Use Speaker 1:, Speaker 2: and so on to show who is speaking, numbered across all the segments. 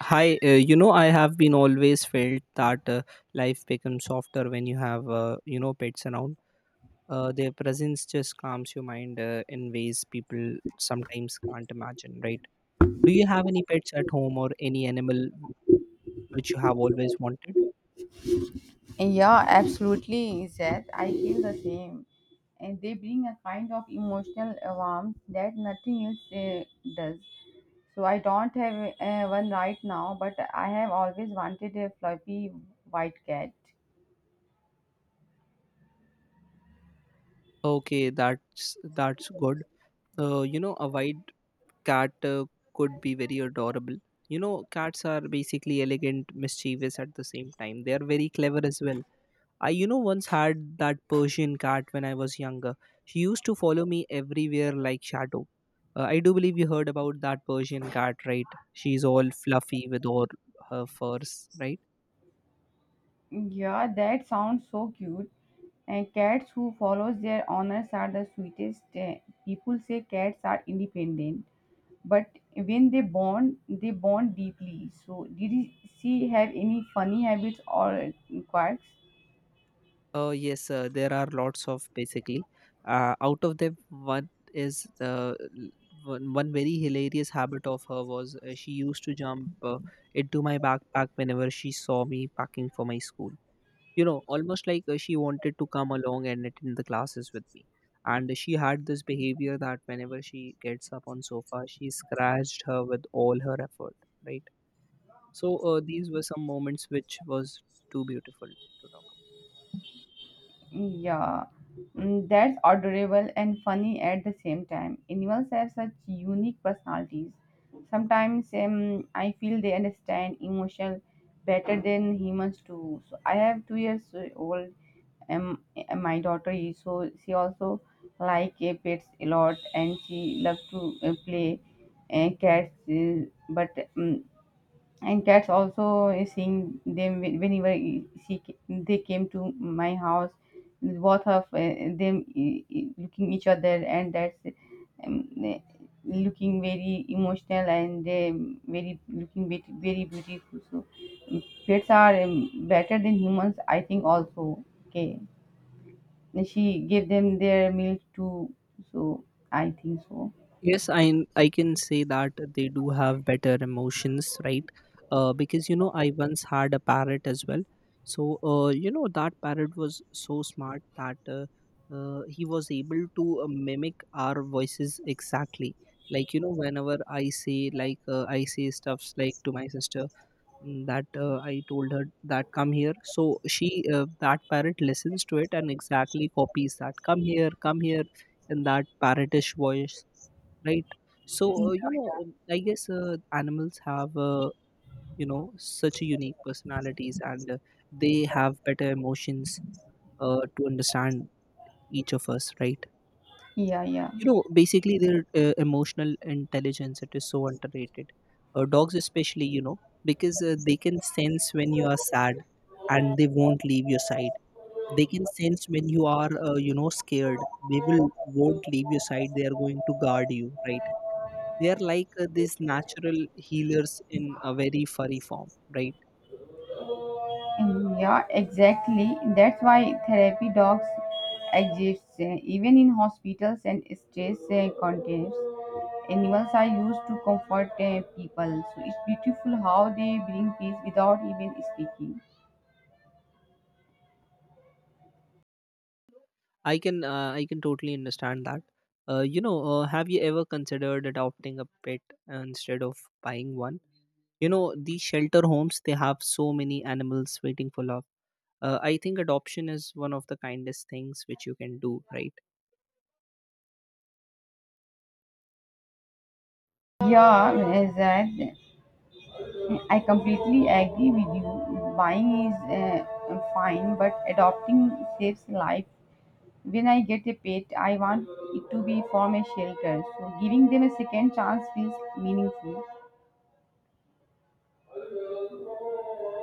Speaker 1: Hi, I have been always felt that life becomes softer when you have, pets around. Their presence just calms your mind in ways people sometimes can't imagine, right? Do you have any pets at home or any animal which you have always wanted?
Speaker 2: Yeah, absolutely, Seth. I feel the same. And they bring a kind of emotional warmth that nothing else does. So I don't have one right now, but I have always wanted a fluffy white cat.
Speaker 1: Okay, that's good. A white cat could be very adorable. You know, cats are basically elegant, mischievous at the same time. They are very clever as well. I, once had that Persian cat when I was younger. She used to follow me everywhere like shadow. I do believe you heard about that Persian cat, right? She's all fluffy with all her furs, right?
Speaker 2: Yeah, that sounds so cute. And cats who follows their owners are the sweetest. People say cats are independent, but when they bond, they bond deeply. So she have any funny habits or quirks?
Speaker 1: Yes, there are lots of basically. Out of them, one is one very hilarious habit of her was she used to jump into my backpack whenever she saw me packing for my school. Almost like she wanted to come along and attend the classes with me, and she had this behavior that whenever she gets up on sofa she scratched her with all her effort, right? So these were some moments which was too beautiful to talk.
Speaker 2: Yeah. Mm, that's adorable and funny at the same time. Animals have such unique personalities. Sometimes I feel they understand emotion better than humans do. So I have 2 years old, and my daughter is, so she also like pets a lot, and she love to play cats uh,, but um, and cats also seeing them whenever they came to my house, both of them looking each other, and that's um, uh, looking very emotional, and very looking very very beautiful. So pets are better than humans, I think. Also, okay, she gave them their milk too. So I think so.
Speaker 1: Yes, I can say that they do have better emotions, right? Because you know, I once had a parrot as well. So you know, that parrot was so smart that he was able to mimic our voices exactly. Like you know, whenever I say like I say stuffs like to my sister, that I told her that come here, so she that parrot listens to it and exactly copies that come here in that parrotish voice, right? So, I guess animals have, such unique personalities and they have better emotions to understand each of us, right?
Speaker 2: Yeah, yeah,
Speaker 1: You know, basically their emotional intelligence, it is so underrated. Dogs especially, you know, because they can sense when you are sad and they won't leave your side. They can sense when you are, scared. They will won't leave your side. They are going to guard you, right? They are like these natural healers in a very furry form, right?
Speaker 2: yeah, exactly. That's why therapy dogs exist. Even in hospitals and stress contexts, animals are used to comfort people. So it's beautiful how they bring peace without even speaking.
Speaker 1: I can I can totally understand that. Have you ever considered adopting a pet instead of buying one? You know, these shelter homes, they have so many animals waiting for love. I think adoption is one of the kindest things which you can do, right?
Speaker 2: Yeah, that I completely agree with you. Buying is fine, but adopting saves life. When I get a pet, I want it to be from a shelter, so giving them a second chance feels meaningful.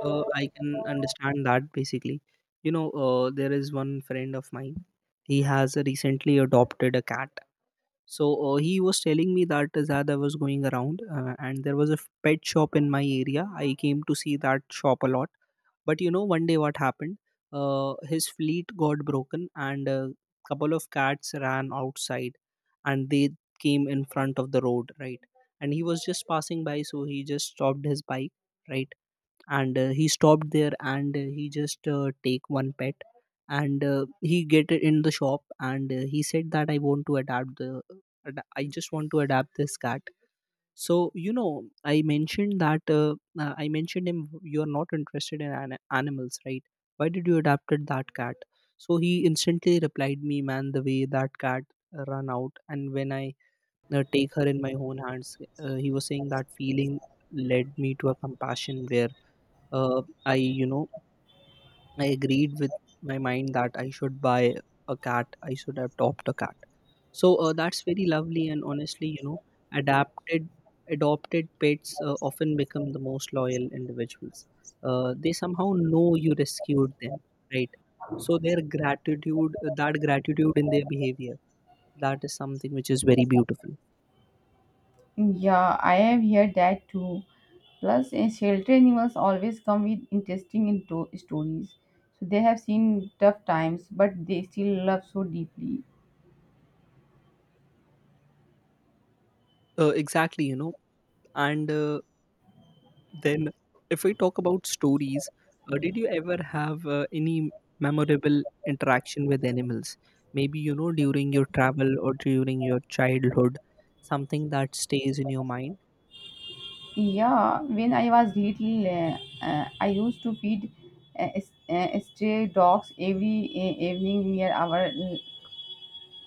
Speaker 1: I can understand that basically. You know, there is one friend of mine. He has recently adopted a cat. So he was telling me that Zad I was going around, and there was a pet shop in my area. I came to see that shop a lot. But you know, one day what happened? His fleet got broken, and a couple of cats ran outside, and they came in front of the road, right? And he was just passing by, so he just stopped his bike, right? And he stopped there and he just take one pet, and he get it in the shop and he said that I want to adapt the I just want to adapt this cat. So you know, I mentioned that I mentioned him, you are not interested in animals, right? Why did you adopted that cat? So he instantly replied me, man, the way that cat run out and when I take her in my own hands, he was saying that feeling led me to a compassion where I you know, I agreed with my mind that I should buy a cat, I should adopt a cat. So that's very lovely, and honestly you know, adapted adopted pets often become the most loyal individuals. They somehow know you rescued them, right? So their gratitude, that gratitude in their behavior, that is something which is very beautiful.
Speaker 2: Yeah, I have heard that too. Plus, shelter animals always come with interesting stories. So they have seen tough times, but they still love so deeply.
Speaker 1: Exactly, you know, and then, if we talk about stories, did you ever have any memorable interaction with animals? Maybe you know during your travel or during your childhood, something that stays in your mind.
Speaker 2: Yeah, when I was little, I used to feed stray dogs every evening near our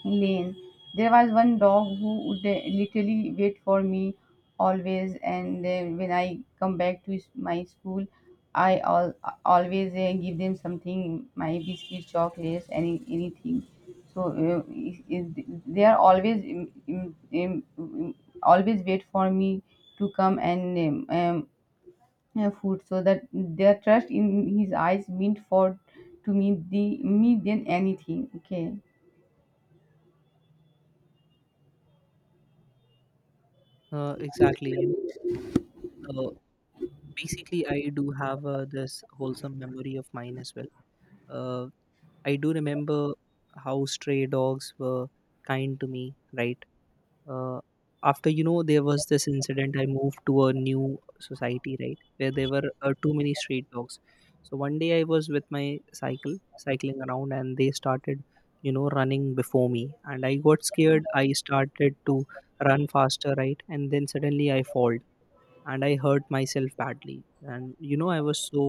Speaker 2: lane. There was one dog who would literally wait for me always, and when I come back to my school, I al- always give them something, my biscuits, chocolates, anything. So they are always always wait for me to come and food, so that their trust in his eyes meant for to me the me than anything. Okay.
Speaker 1: Exactly. You know, basically, I do have this wholesome memory of mine as well. Uh, I do remember how stray dogs were kind to me, right? uh, After you know, there was this incident. I moved to a new society, right, where there were too many street dogs. So one day I was with my cycle cycling around and they started, you know, running before me and I got scared. I started to run faster, right? And then suddenly I fall and I hurt myself badly. And you know, I was so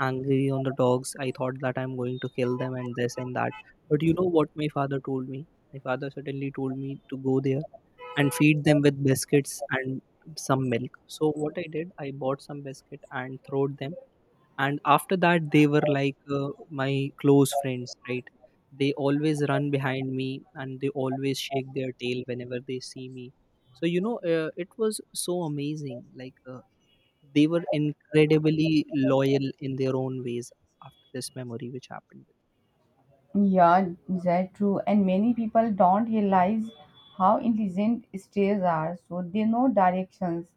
Speaker 1: angry on the dogs. I thought that I'm going to kill them and this and that. But you know what my father told me, my father suddenly told me to go there and feed them with biscuits and some milk. So what I did, I bought some biscuit and throwed them. And after that, they were like my close friends, right? They always run behind me and they always shake their tail whenever they see me. So you know, it was so amazing. Like they were incredibly loyal in their own ways after this memory which happened.
Speaker 2: Yeah, that's true. And many people don't realize how intelligent stairs are. So they know directions,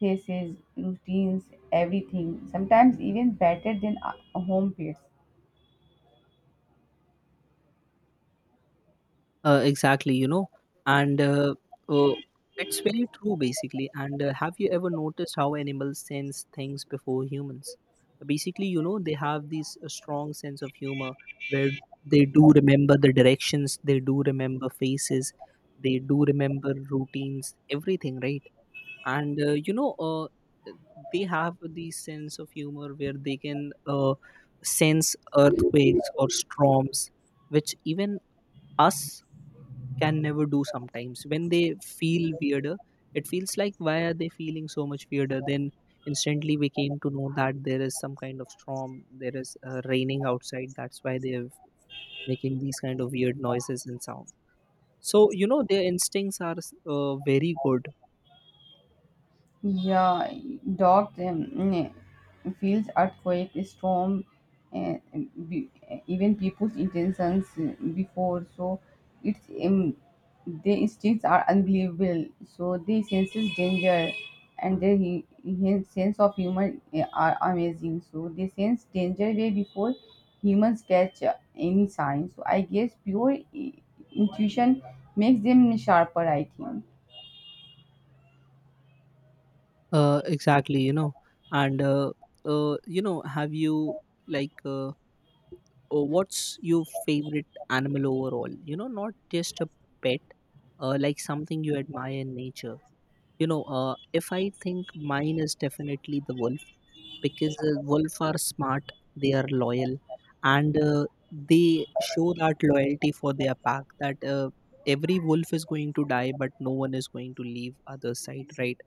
Speaker 2: faces, routines, everything. Sometimes even better than home pets.
Speaker 1: Exactly, you know, and uh, it's very true, basically. And have you ever noticed how animals sense things before humans? Basically, you know, they have this strong sense of humor where they do remember the directions, they do remember faces, they do remember routines, everything, right? And they have this sense of humor where they can sense earthquakes or storms, which even us can never do. Sometimes when they feel weirder, it feels like, why are they feeling so much weirder? Then instantly we came to know that there is some kind of storm, there is raining outside. That's why they're making these kind of weird noises and sound. So you know, their instincts are very good.
Speaker 2: Yeah, dog feels earthquake, storm, and be, even people's intentions before. So it's their instincts are unbelievable. So they senses danger, and their sense of humor are amazing. So they sense danger way before humans catch any sign. So I guess pure intuition makes them sharper, I think.
Speaker 1: Exactly, you know, and uh, have you like uh, oh, what's your favorite animal overall, you know, not just a pet, like something you admire in nature? You know, if I think, mine is definitely the wolf. Because wolf are smart, they are loyal, and they show that loyalty for their pack, that every wolf is going to die but no one is going to leave other side, right?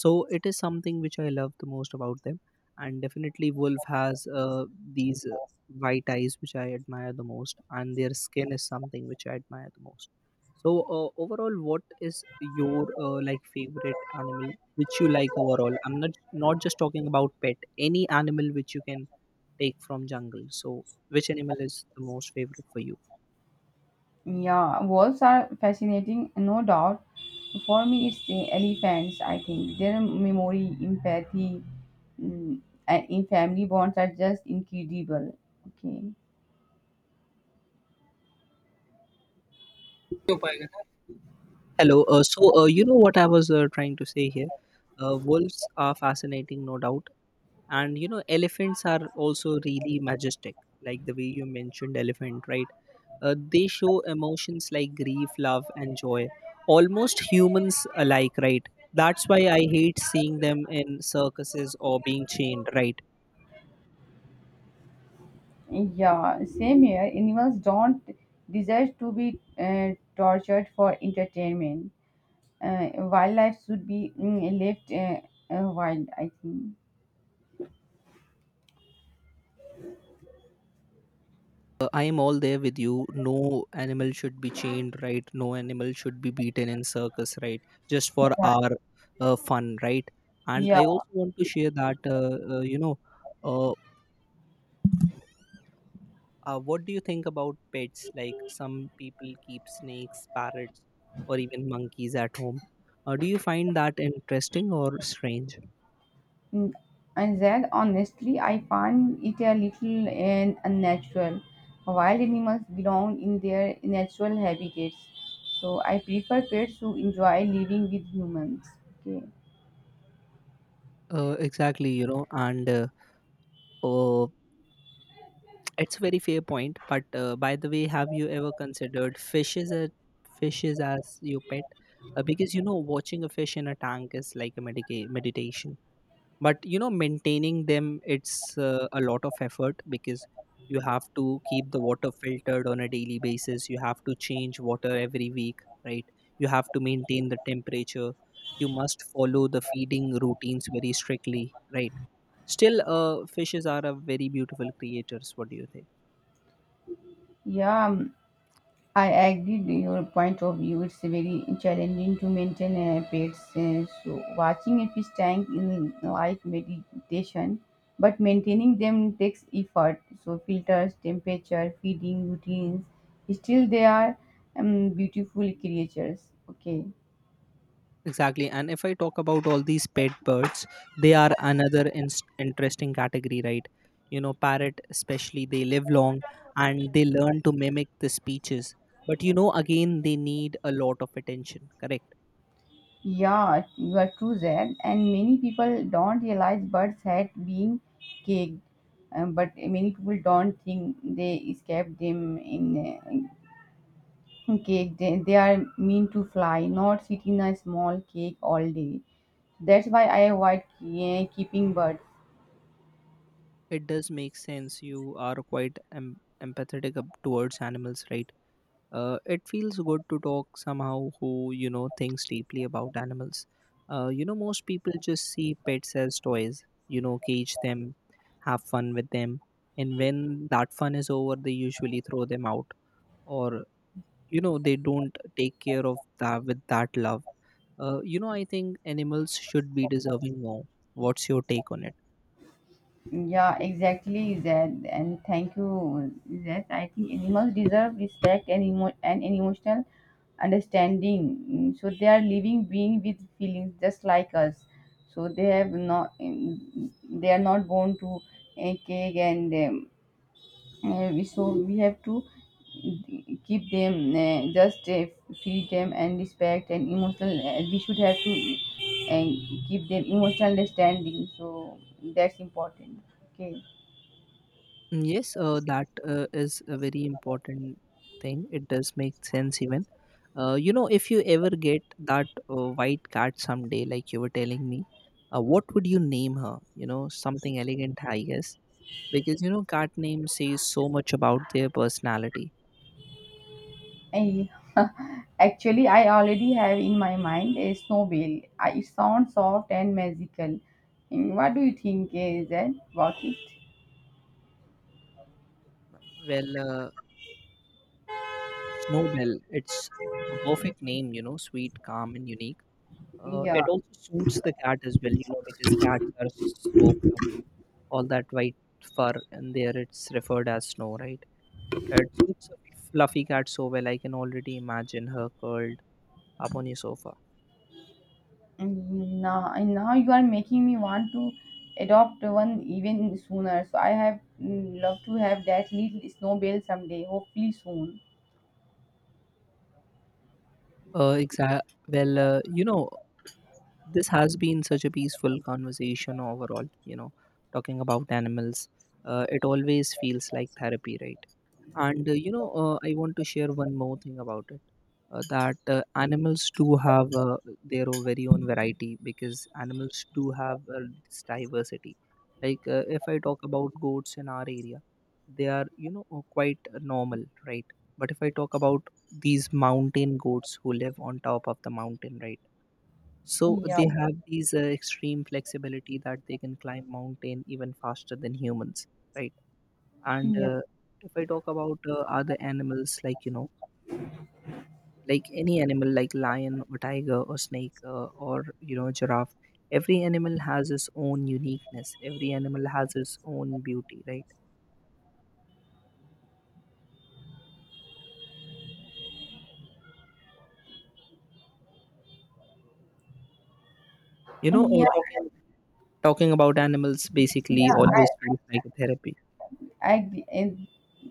Speaker 1: So it is something which I love the most about them. And definitely wolf has these white eyes which I admire the most, and their skin is something which I admire the most. So overall, what is your like favorite animal which you like overall? I'm not just talking about pet, any animal which you can take from jungle. So which animal is the most favorite for you?
Speaker 2: Yeah, wolves are fascinating, no doubt. For me, it's the elephants, I think. Their memory, empathy, mm, and in family bonds are just incredible. Okay.
Speaker 1: Hello. You know what I was trying to say here? Wolves are fascinating, no doubt. And you know, elephants are also really majestic. Like the way you mentioned elephant, right? They show emotions like grief, love and joy, almost humans alike, right? That's why I hate seeing them in circuses or being chained, right?
Speaker 2: Yeah, same here. Animals don't deserve to be tortured for entertainment. Wildlife should be left wild, I think.
Speaker 1: I am all there with you. No animal should be chained, right? No animal should be beaten in circus, right? Just for our fun, right? And
Speaker 2: Yeah.
Speaker 1: I also want to share that uh, what do you think about pets? Like some people keep snakes, parrots, or even monkeys at home. Do you find that interesting or strange?
Speaker 2: Mm, and that honestly, I find it a little and unnatural. Wild animals belong in their natural habitats, so I prefer pets who enjoy living with humans. Okay.
Speaker 1: Exactly, you know, and oh, it's a very fair point. But by the way, have you ever considered fishes as your pet? Because you know, watching a fish in a tank is like a meditation. But you know, maintaining them, it's a lot of effort, because you have to keep the water filtered on a daily basis, you have to change water every week, right? You have to maintain the temperature, you must follow the feeding routines very strictly, right? Still, fishes are a very beautiful creatures. What do you think?
Speaker 2: Yeah, I agree with your point of view. It's very challenging to maintain a pet. So watching a fish tank in light meditation, but maintaining them takes effort. So filters, temperature, feeding routines. Still, they are beautiful creatures. Okay.
Speaker 1: Exactly. And if I talk about all these pet birds, they are another inst interesting category, right? You know, parrot, especially, they live long and they learn to mimic the speeches. But, you know, again, they need a lot of attention, correct?
Speaker 2: Yeah, you are true there. And many people don't realize birds had been caged, but many people don't think they escaped them in. Cake, they are mean to fly, not sit in a small cake all day. That's why I avoid keeping birds.
Speaker 1: It does make sense. You are quite empathetic towards animals, right? It feels good to talk somehow who thinks deeply about animals. Most people just see pets as toys. You know, cage them, have fun with them, and when that fun is over, they usually throw them out, or they don't take care of that with that love. I think animals should be deserving more. What's your take on it?
Speaker 2: Yeah, exactly, Zed. And thank you, Zed. I think animals deserve respect, and an emotional understanding. Mm, so they are living being with feelings just like us. So they have not, mm, they are not born to a cake and we so we have to keep them just feed them and respect and emotional, we should have to uh, keep their emotional understanding. So that's important. Okay.
Speaker 1: Mm, yes, that is a very important thing. It does make sense even. If you ever get that white cat someday, like you were telling me, what would you name her? You know, something elegant, I guess. Because, you know, cat names say so much about their personality.
Speaker 2: I, actually I already have in my mind a snowball. I, it sounds soft and magical. And what do you think is that about it?
Speaker 1: Well, Snowbell, it's a perfect name, you know, sweet, calm, and unique.
Speaker 2: Yeah.
Speaker 1: It also suits the cat as well, you know, because cats are so fluffy. All that white fur and there it's referred as snow, right? It suits a fluffy cat so well. I can already imagine her curled up on your sofa.
Speaker 2: And now you are making me want to adopt one even sooner. So I have mm, love to have that little snowball someday, hopefully soon.
Speaker 1: Uh, exa- well, this has been such a peaceful conversation overall, you know, talking about animals. It always feels like therapy, right? And I want to share one more thing about it that animals do have their own very own variety because animals do have this diversity. Like if I talk about goats in our area, they are quite normal, right? But if I talk about these mountain goats who live on top of the mountain, right? So
Speaker 2: Yeah,
Speaker 1: they have these extreme flexibility that they can climb mountain even faster than humans, right? And
Speaker 2: yeah,
Speaker 1: if I talk about other animals, like like any animal, like lion or tiger or snake or giraffe, every animal has its own uniqueness. Every animal has its own beauty, right? You know, or
Speaker 2: yeah.
Speaker 1: talking talking about animals basically
Speaker 2: Yeah,
Speaker 1: always feels like a therapy.
Speaker 2: I, and,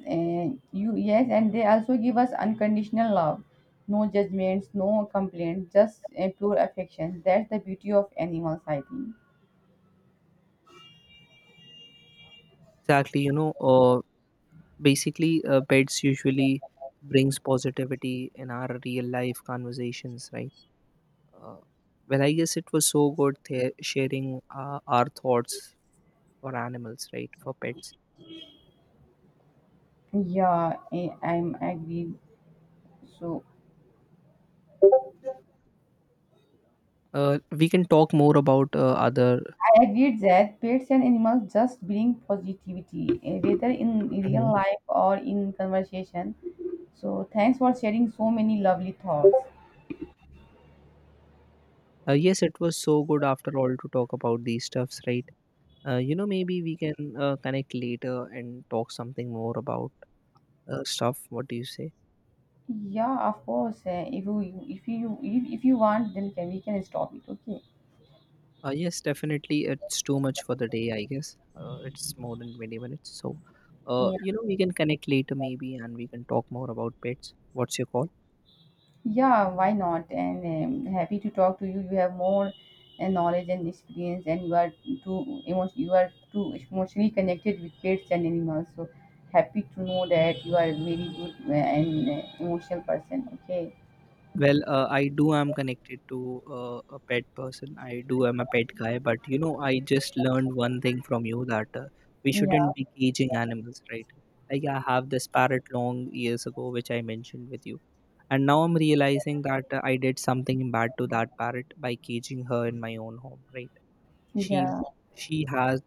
Speaker 2: and you, yes, and they also give us unconditional love, no judgments, no complaints, just pure affection. That's the beauty of animals, I think.
Speaker 1: Exactly, you know, basically pets usually brings positivity in our real life conversations, right? Uh, well, I guess it was so good sharing our thoughts for animals, right? For pets.
Speaker 2: Yeah, I agree. So
Speaker 1: We can talk more about other.
Speaker 2: I agree that pets and animals just bring positivity, eh, whether in
Speaker 1: Mhm.
Speaker 2: real life or in conversation. So thanks for sharing so many lovely thoughts.
Speaker 1: Yes, it was so good after all to talk about these stuffs, right? Maybe we can connect later and talk something more about stuff. What do you say?
Speaker 2: Yeah, of course. If you if you want, then can we can stop it. Okay.
Speaker 1: Yes, definitely. It's too much for the day, I guess. It's more than 20 minutes. So,
Speaker 2: Yeah.
Speaker 1: we can connect later maybe and we can talk more about pets. What's your call?
Speaker 2: Yeah, why not? And happy to talk to you. You have more knowledge and experience, and you are you are too emotionally connected with pets and animals. So happy to know that you are a very good and emotional person. Okay.
Speaker 1: Well, I do am connected to a pet person. I do am a pet guy, but you know, I just learned one thing from you that we
Speaker 2: Yeah,
Speaker 1: shouldn't be caging animals, right? Like I have this parrot long years ago, which I mentioned with you, and now I'm realizing that I did something bad to that parrot by caging her in my own home, right? She
Speaker 2: yeah,
Speaker 1: she has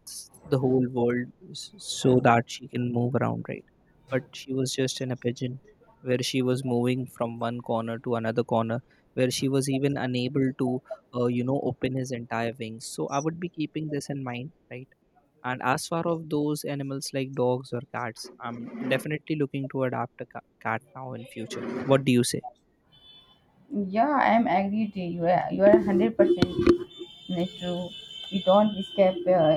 Speaker 1: the whole world so that she can move around, right? But she was just in a pigeon where she was moving from one corner to another corner, where she was even unable to, open his entire wings. So I would be keeping this in mind, right? And as far of those animals like dogs or cats, I'm definitely looking to adapt a cat now in future. What do you say?
Speaker 2: yeah. I am agreed to. You are, you are 100% true. We don't escape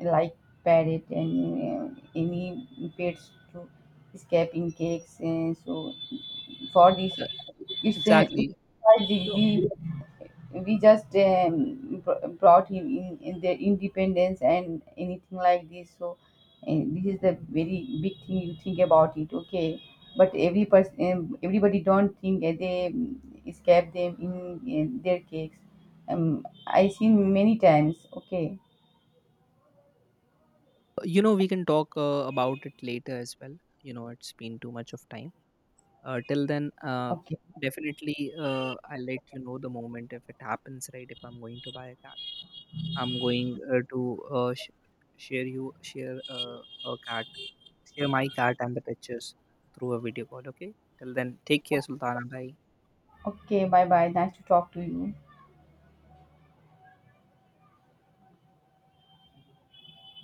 Speaker 2: like parrot and any pets to escape in cakes. And so for this,
Speaker 1: Uh,
Speaker 2: it's
Speaker 1: exactly.
Speaker 2: why
Speaker 1: You
Speaker 2: the-
Speaker 1: know,
Speaker 2: we just brought him in their independence and anything like this. So and this is the very big thing. You think about it. Okay, but every person, everybody don't think that they escape them in their cakes. I seen many times. Okay,
Speaker 1: You know, we can talk about it later as well. You know, it's been too much of time. Till then,
Speaker 2: okay,
Speaker 1: definitely, I'll let you know the moment if it happens, right? If I'm going to buy a cat, I'm going to share you share her cat, share my cat and the pictures through a video call. Okay. Till then, take care, Sultana. Bye.
Speaker 2: okay. Bye bye. Nice to talk to you.